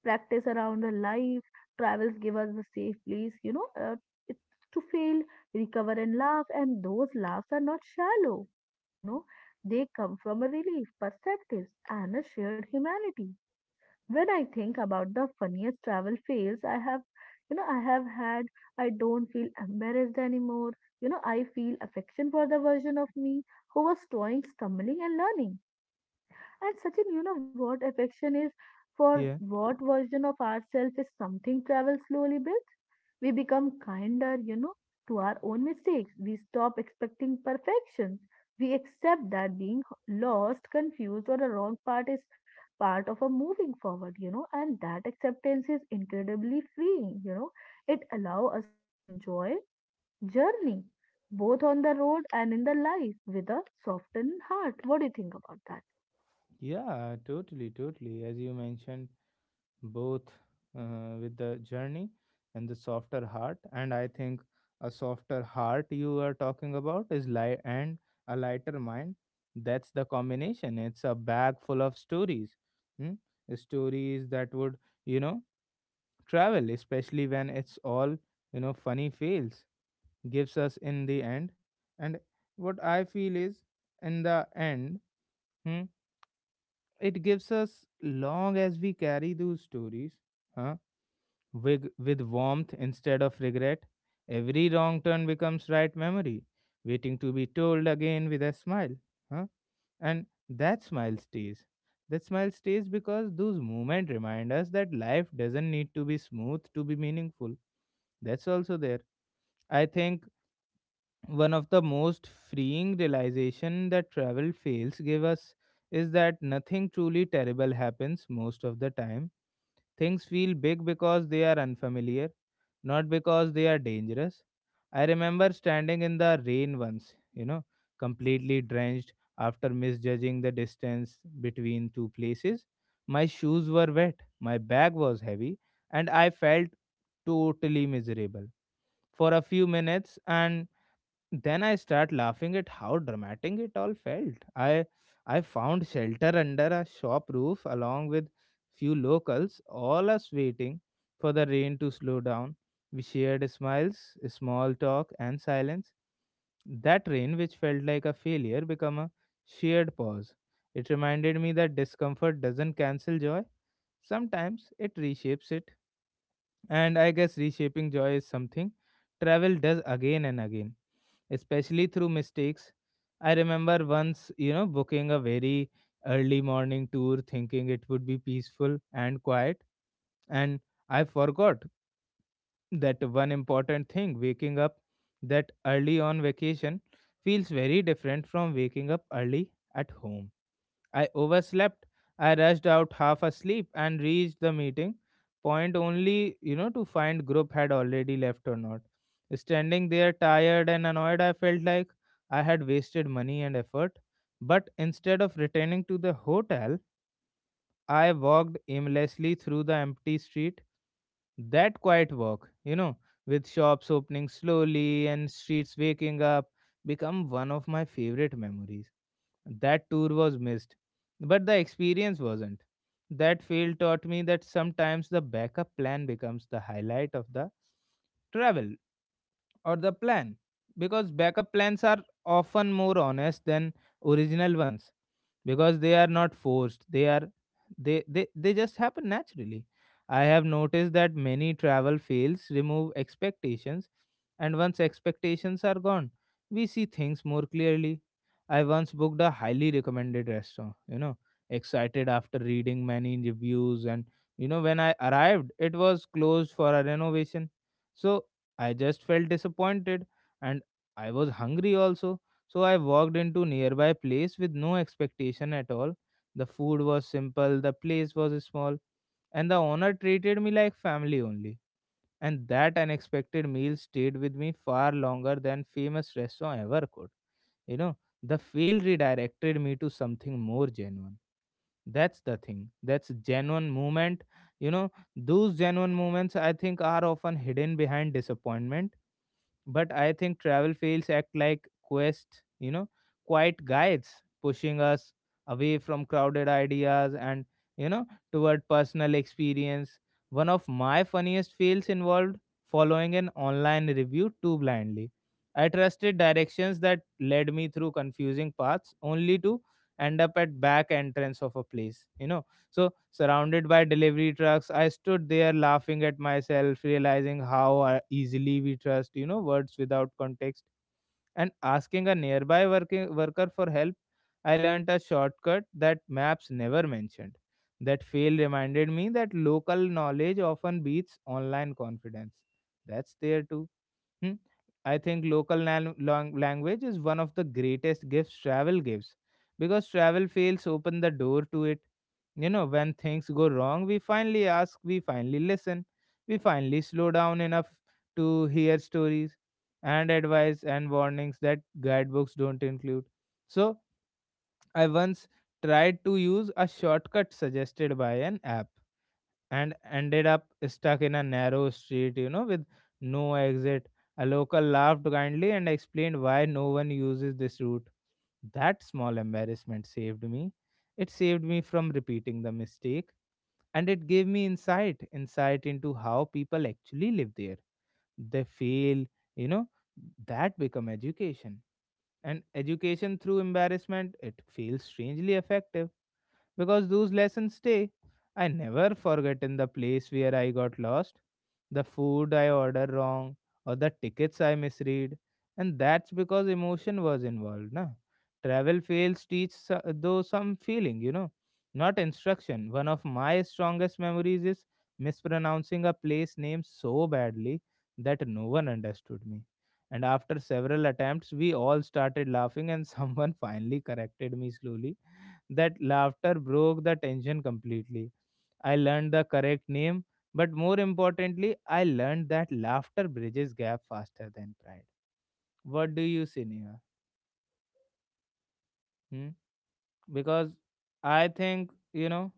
Practice around our life. Travels give us a safe place, it's to fail, recover, and laugh. And those laughs are not shallow, you know, they come from a relief, perspectives, and a shared humanity. When I think about the funniest travel fails I have had, I don't feel embarrassed anymore. I feel affection for the version of me who was toying, stumbling, and learning. And Sachin, you know what affection is for
Yeah.
what version of ourselves is something travels slowly built. We become kinder, to our own mistakes. We stop expecting perfection. We accept that being lost, confused, or the wrong part is part of a moving forward, and that acceptance is incredibly freeing. It allows us to enjoy journey both on the road and in the life with a softened heart. What do you think about
Yeah. Totally. Totally. As you mentioned, both with the journey and the softer heart. And I think a softer heart you are talking about is light and a lighter mind. That's the combination. It's a bag full of stories. Hmm? Stories that would, you know travel, especially when it's all, funny fails gives us in the end. And what I feel is, in the end, hmm, it gives us long as we carry those stories huh, with warmth instead of regret. Every wrong turn becomes right memory, waiting to be told again with a smile. Huh? And that smile stays. That smile stays because those moments remind us that life doesn't need to be smooth to be meaningful. That's also there, I think. One of the most freeing realization that travel fails give us is that nothing truly terrible happens most of the time. Things feel big because they are unfamiliar, not because they are dangerous. I remember standing in the rain once, completely drenched after misjudging the distance between two places. My shoes were wet, my bag was heavy, and I felt totally miserable for a few minutes, and then I start laughing at how dramatic it all felt. I found shelter under a shop roof along with few locals, all us waiting for the rain to slow down. We shared smiles, small talk and silence. That rain which felt like a failure became a shared pause. It reminded me that discomfort doesn't cancel joy. Sometimes it reshapes it. And I guess reshaping joy is something travel does again and again, especially through mistakes. I remember once, you know, booking a very early morning tour thinking it would be peaceful and quiet. And I forgot that one important thing: waking up that early on vacation feels very different from waking up early at home. I overslept. I rushed out half asleep and reached the meeting point only, you know, to find group had already left or not. Standing there tired and annoyed, I felt like I had wasted money and effort. But instead of returning to the hotel, I walked aimlessly through the empty street. That quiet walk, you know, with shops opening slowly and streets waking up, become one of my favorite memories. That tour was missed, but the experience wasn't. That fail taught me that sometimes the backup plan becomes the highlight of the travel or the plan, because backup plans are often more honest than original ones, because they are not forced, they are they just happen naturally. I have noticed that many travel fails remove expectations, and once expectations are gone, we see things more clearly. I once booked a highly recommended restaurant, excited after reading many reviews, and, when I arrived it was closed for a renovation. So I just felt disappointed, and I was hungry also. So I walked into nearby place with no expectation at all. The food was simple, the place was small, and the owner treated me like family only. And that unexpected meal stayed with me far longer than famous restaurant ever could. You know, the fail redirected me to something more genuine. That's the thing. That's genuine moment. You know, those genuine moments, I think, are often hidden behind disappointment, but I think travel fails act like quest, quiet guides pushing us away from crowded ideas and, toward personal experience. One of my funniest fails involved following an online review too blindly. I trusted directions that led me through confusing paths only to end up at back entrance of a place, so, surrounded by delivery trucks, I stood there laughing at myself, realizing how easily we trust, words without context. And asking a nearby working worker for help, I learnt a shortcut that maps never mentioned. That fail reminded me that local knowledge often beats online confidence. That's there too. Hmm? I think local language is one of the greatest gifts travel gives, because travel fails open the door to it. When things go wrong, we finally ask, we finally listen, we finally slow down enough to hear stories and advice and warnings that guidebooks don't include. So, I once tried to use a shortcut suggested by an app and ended up stuck in a narrow street, with no exit. A local laughed kindly and explained why no one uses this route. That small embarrassment saved me. It saved me from repeating the mistake, and it gave me insight into how people actually live there. They fail, you know, that become education, and education through embarrassment, it feels strangely effective because those lessons stay. I never forget in the place where I got lost, the food I ordered wrong, or the tickets I misread. And that's because emotion was involved. Na? Travel fails teach though some feeling, not instruction. One of my strongest memories is mispronouncing a place name so badly that no one understood me. And after several attempts, we all started laughing, and someone finally corrected me slowly. That laughter broke the tension completely. I learned the correct name, but more importantly, I learned that laughter bridges gap faster than pride. What do you say, Neha? Hmm? Because I think,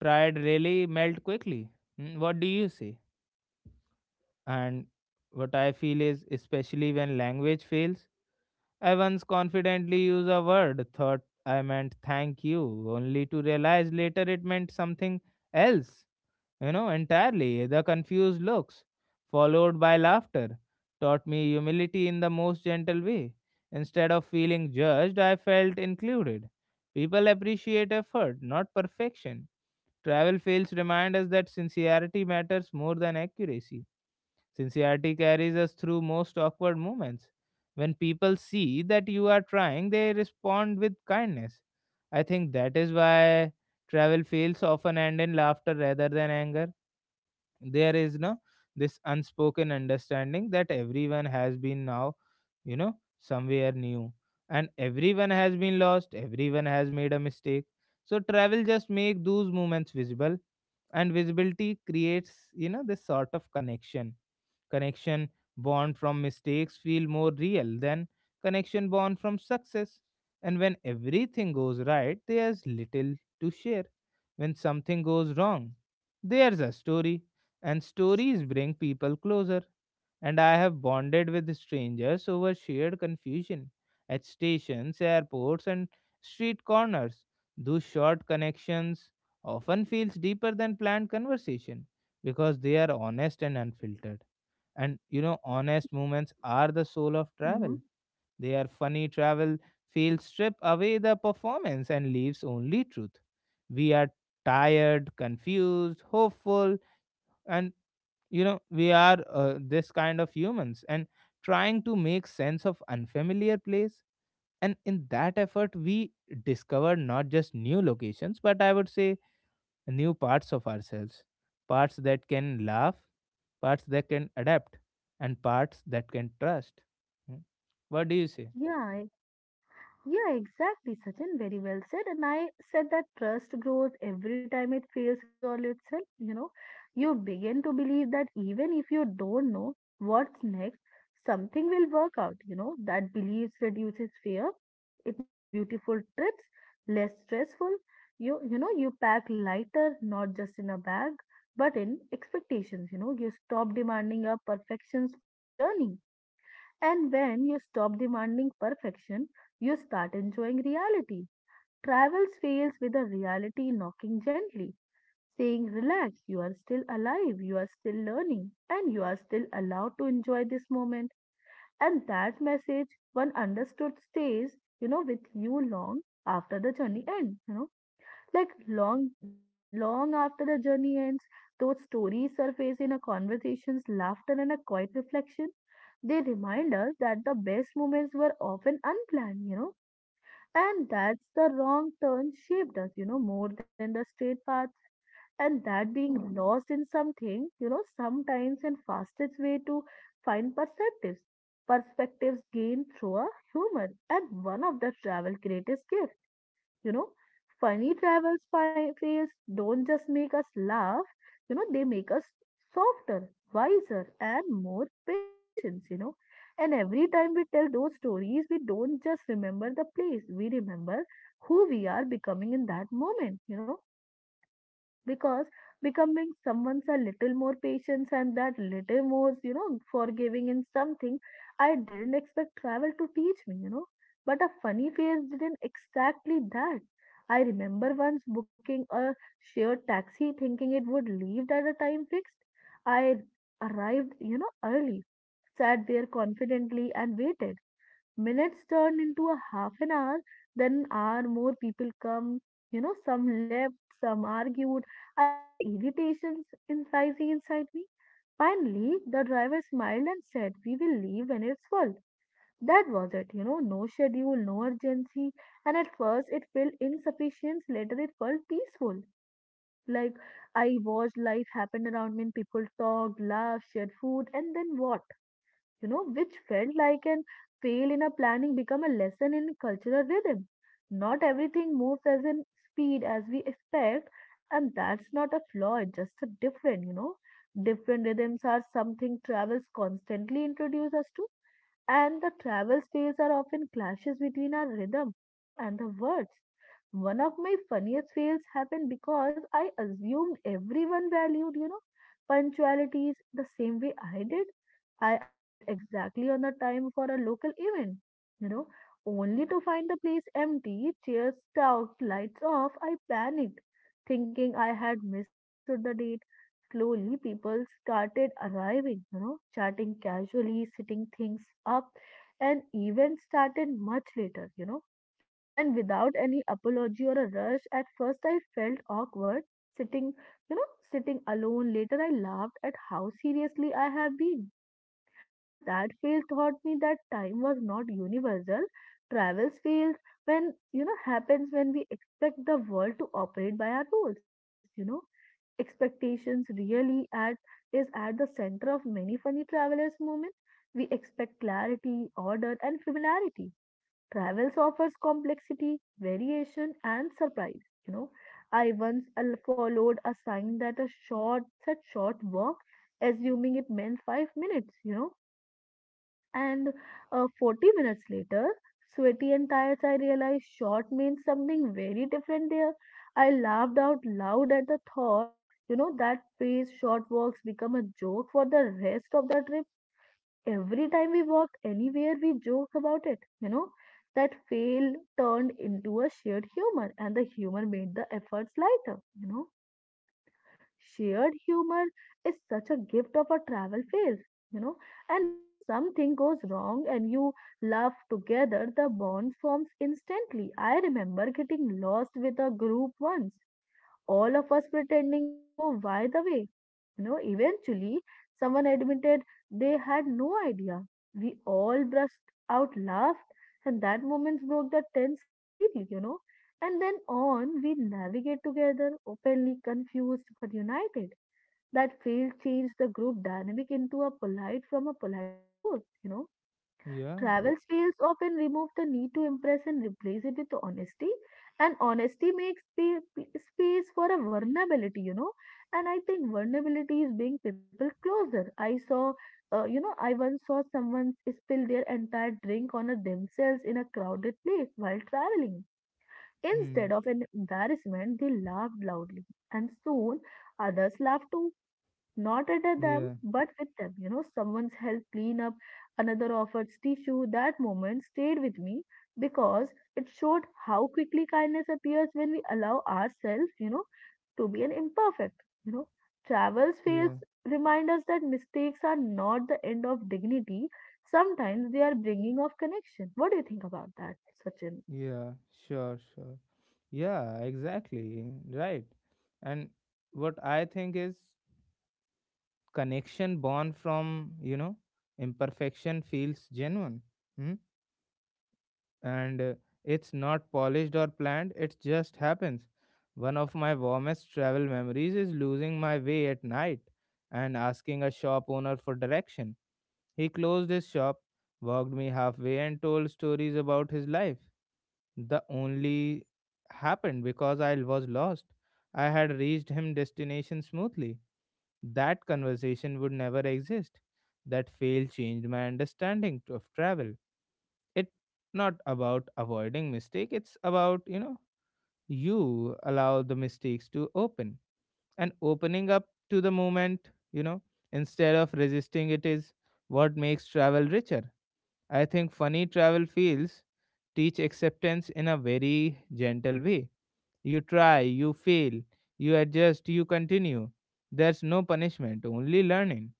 pride really melt quickly. Hmm? What do you say? And what I feel is, especially when language fails, I once confidently used a word, thought I meant thank you, only to realize later it meant something else, entirely. The confused looks, followed by laughter, taught me humility in the most gentle way. Instead of feeling judged, I felt included. People appreciate effort, not perfection. Travel fails remind us that sincerity matters more than accuracy. Sincerity carries us through most awkward moments. When people see that you are trying, they respond with kindness. I think that is why travel fails often end in laughter rather than anger. There is no, this unspoken understanding that everyone has been now, somewhere new, and everyone has been lost, everyone has made a mistake. So travel just make those moments visible, and visibility creates, this sort of connection. Connection born from mistakes feel more real than connection born from success. And when everything goes right, there's little to share. When something goes wrong, there's a story. And stories bring people closer. And I have bonded with strangers over shared confusion at stations, airports, and street corners. Those short connections often feels deeper than planned conversation, because they are honest and unfiltered, and, honest moments are the soul of travel.
that?
They are funny travel fields strip away the performance and leaves only truth. We are tired, confused, hopeful, and, we are this kind of humans and trying to make sense of unfamiliar place. And in that effort, we discovered not just new locations, but I would say new parts of ourselves, parts that can laugh, parts that can adapt, and parts that can trust. Hmm. What do you say?
Yeah, e- yeah, exactly, Sachin. Very well said. And I said that trust grows every time it fails resolve itself. You begin to believe that even if you don't know what's next, something will work out. That belief reduces fear. It makes beautiful trips less stressful. You pack lighter, not just in a bag, but in expectations. You stop demanding a perfections from a journey, and when you stop demanding perfection, you start enjoying reality. Travels fails with a reality knocking gently, saying, "Relax, you are still alive, you are still learning, and you are still allowed to enjoy this moment." And that message, one understood, stays, with you long after the journey ends. Like long after the journey ends, those stories surface in a conversations, laughter, and a quiet reflection. They remind us that the best moments were often unplanned, and that's the wrong turn shaped us, more than the straight path. And that being lost in something, sometimes and fastest way to find perspectives. Perspectives gained through a humor, and one of the travel greatest gifts. You know, funny travel spy fails don't just make us laugh, they make us softer, wiser, and more patient, And every time we tell those stories, we don't just remember the place, we remember who we are becoming in that moment, because becoming someone's a little more patience and that little more, forgiving in something. I didn't expect travel to teach me, but a funny face didn't exactly that. I remember once booking a shared taxi thinking it would leave at a time fixed. I arrived, early, sat there confidently and waited. Minutes turn into a half an hour, then an hour more people come, some left, some argued. I felt irritations in rising inside me. Finally, the driver smiled and said, "We will leave when it's full." That was it, no schedule, no urgency. And at first it felt insufficient, later it felt peaceful. Like I watched life happen around me, and people talked, laughed, shared food, and then what? Which felt like an fail in a planning become a lesson in cultural rhythm. Not everything moves as in speed as we expect, and that's not a flaw, it's just a different. Different rhythms are something travels constantly introduce us to, and the travel space are often clashes between our rhythm, and the words. One of my funniest fails happened because I assumed everyone valued, punctualities the same way I did. I arrived exactly on the time for a local event, you know, only to find the place empty, chairs out, lights off. I panicked, thinking I had misunderstood the date. Slowly, people started arriving, chatting casually, sitting things up, and events started much later, and without any apology or a rush. At first I felt awkward sitting, sitting alone. Later I laughed at how seriously I have been, and that fail taught me that time was not universal. Travels fails when, happens when we expect the world to operate by our rules, expectations really at is at the center of many funny travelers moments. We expect clarity, order and familiarity. Travels offers complexity, variation, and surprise. I once followed a sign that a short said short walk, assuming it meant 5 minutes. You know, and 40 minutes later, sweaty and tired, I realized short means something very different there. I laughed out loud at the thought. That phrase "short walks" become a joke for the rest of the trip. Every time we walked anywhere, we joked about it. That fail turned into a shared humor, and the humor made the efforts lighter. Shared humor is such a gift of a travel phase. You know, and when something goes wrong and you laugh together, the bond forms instantly. I remember getting lost with a group once, all of us pretending to know why the way, eventually, someone admitted they had no idea. We all burst out laughed, and that moment broke the tense completely, And then on, we navigate together, openly confused but united. That fail changed the group dynamic into a polite to close,
Yeah.
Travel styles often remove the need to impress and replace it with honesty. And honesty makes space for a vulnerability, And I think vulnerability is being people closer. I saw, I once saw someone spill their entire drink on a themselves in a crowded place while traveling.
Hmm.
Instead of an embarrassment, they laughed loudly, and soon others laughed too, not at them,
Yeah.
but with them. Someone's helped clean up, another offered tissue. That moment stayed with me because it showed how quickly kindness appears when we allow ourselves, to be an imperfect. Travels fails
Yeah.
remind us that mistakes are not the end of dignity. Sometimes they are bringing of connection. What do you think about that, Sachin?
Yeah. Sure. Sure. Yeah. Exactly. Right. And what I think is, connection born from, imperfection feels genuine. Hmm? And it's not polished or planned, it just happens. One of my warmest travel memories is losing my way at night and asking a shop owner for direction. He closed his shop, walked me halfway, and told stories about his life. The only happened because I was lost. I had reached him destination smoothly. That conversation would never exist. That fail changed my understanding of travel. It not about avoiding mistake, it's about, you allow the mistakes to open, and opening up to the moment, instead of resisting it, is what makes travel richer. I think funny travel feels teach acceptance in a very gentle way. You try, you fail, you adjust, you continue. There's no punishment, only learning.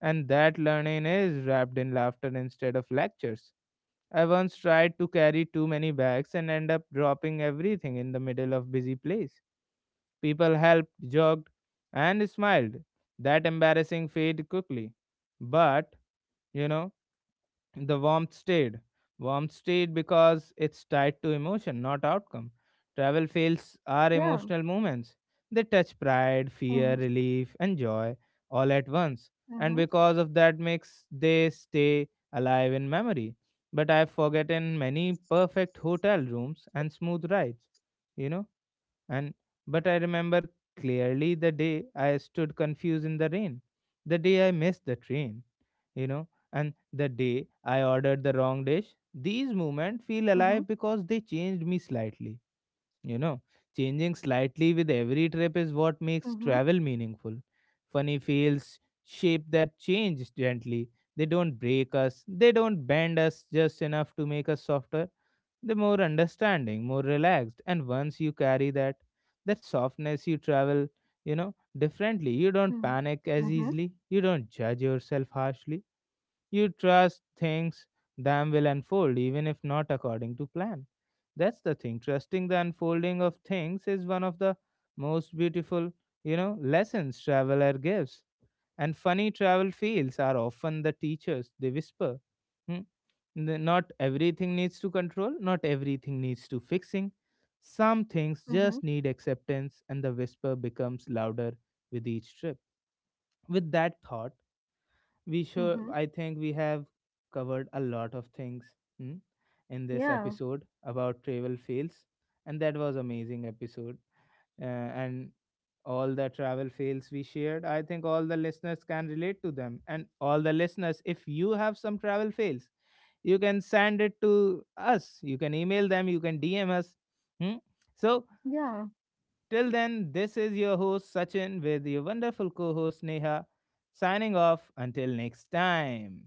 And that learning is wrapped in laughter instead of lectures. I once tried to carry too many bags and end up dropping everything in the middle of busy place. People helped, jogged, and smiled. That embarrassing fade quickly. But, you know, the warmth stayed because it's tied to emotion not outcome. Travel fails are
Yeah.
emotional moments. They touch pride, fear,
Mm-hmm.
relief and joy all at once. And because of that mix, they stay alive in memory, but I've forgotten many perfect hotel rooms and smooth rides, you know and but I remember clearly the day I stood confused in the rain, the day I missed the train, and the day I ordered the wrong dish. These moments feel
Mm-hmm.
alive because they changed me slightly, you know changing slightly with every trip is what makes
Mm-hmm.
travel meaningful. Funny fails shape that change gently. They don't break us, they don't bend us just enough to make us softer, the more understanding, more relaxed. And once you carry that softness, you travel, you know differently. You don't
Mm-hmm.
panic as
Mm-hmm.
easily, you don't judge yourself harshly, you trust things them will unfold even if not according to plan. That's the thing. Trusting the unfolding of things is one of the most beautiful, lessons traveler gives. And funny travel fields are often the teachers. They whisper, "Hmm, not everything needs to control, not everything needs to fixing. Some things just
Mm-hmm.
need acceptance," and the whisper becomes louder with each trip. With that thought, we sure
Mm-hmm.
I think we have covered a lot of things hmm, in this
Yeah.
episode about travel fails. And that was amazing episode, and all the travel fails we shared, I think all the listeners can relate to them. And all the listeners, if you have some travel fails, you can send it to us, you can email them, you can DM us. Hmm? So
Yeah.
till then, this is your host Sachin with your wonderful co-host Neha, signing off until next time.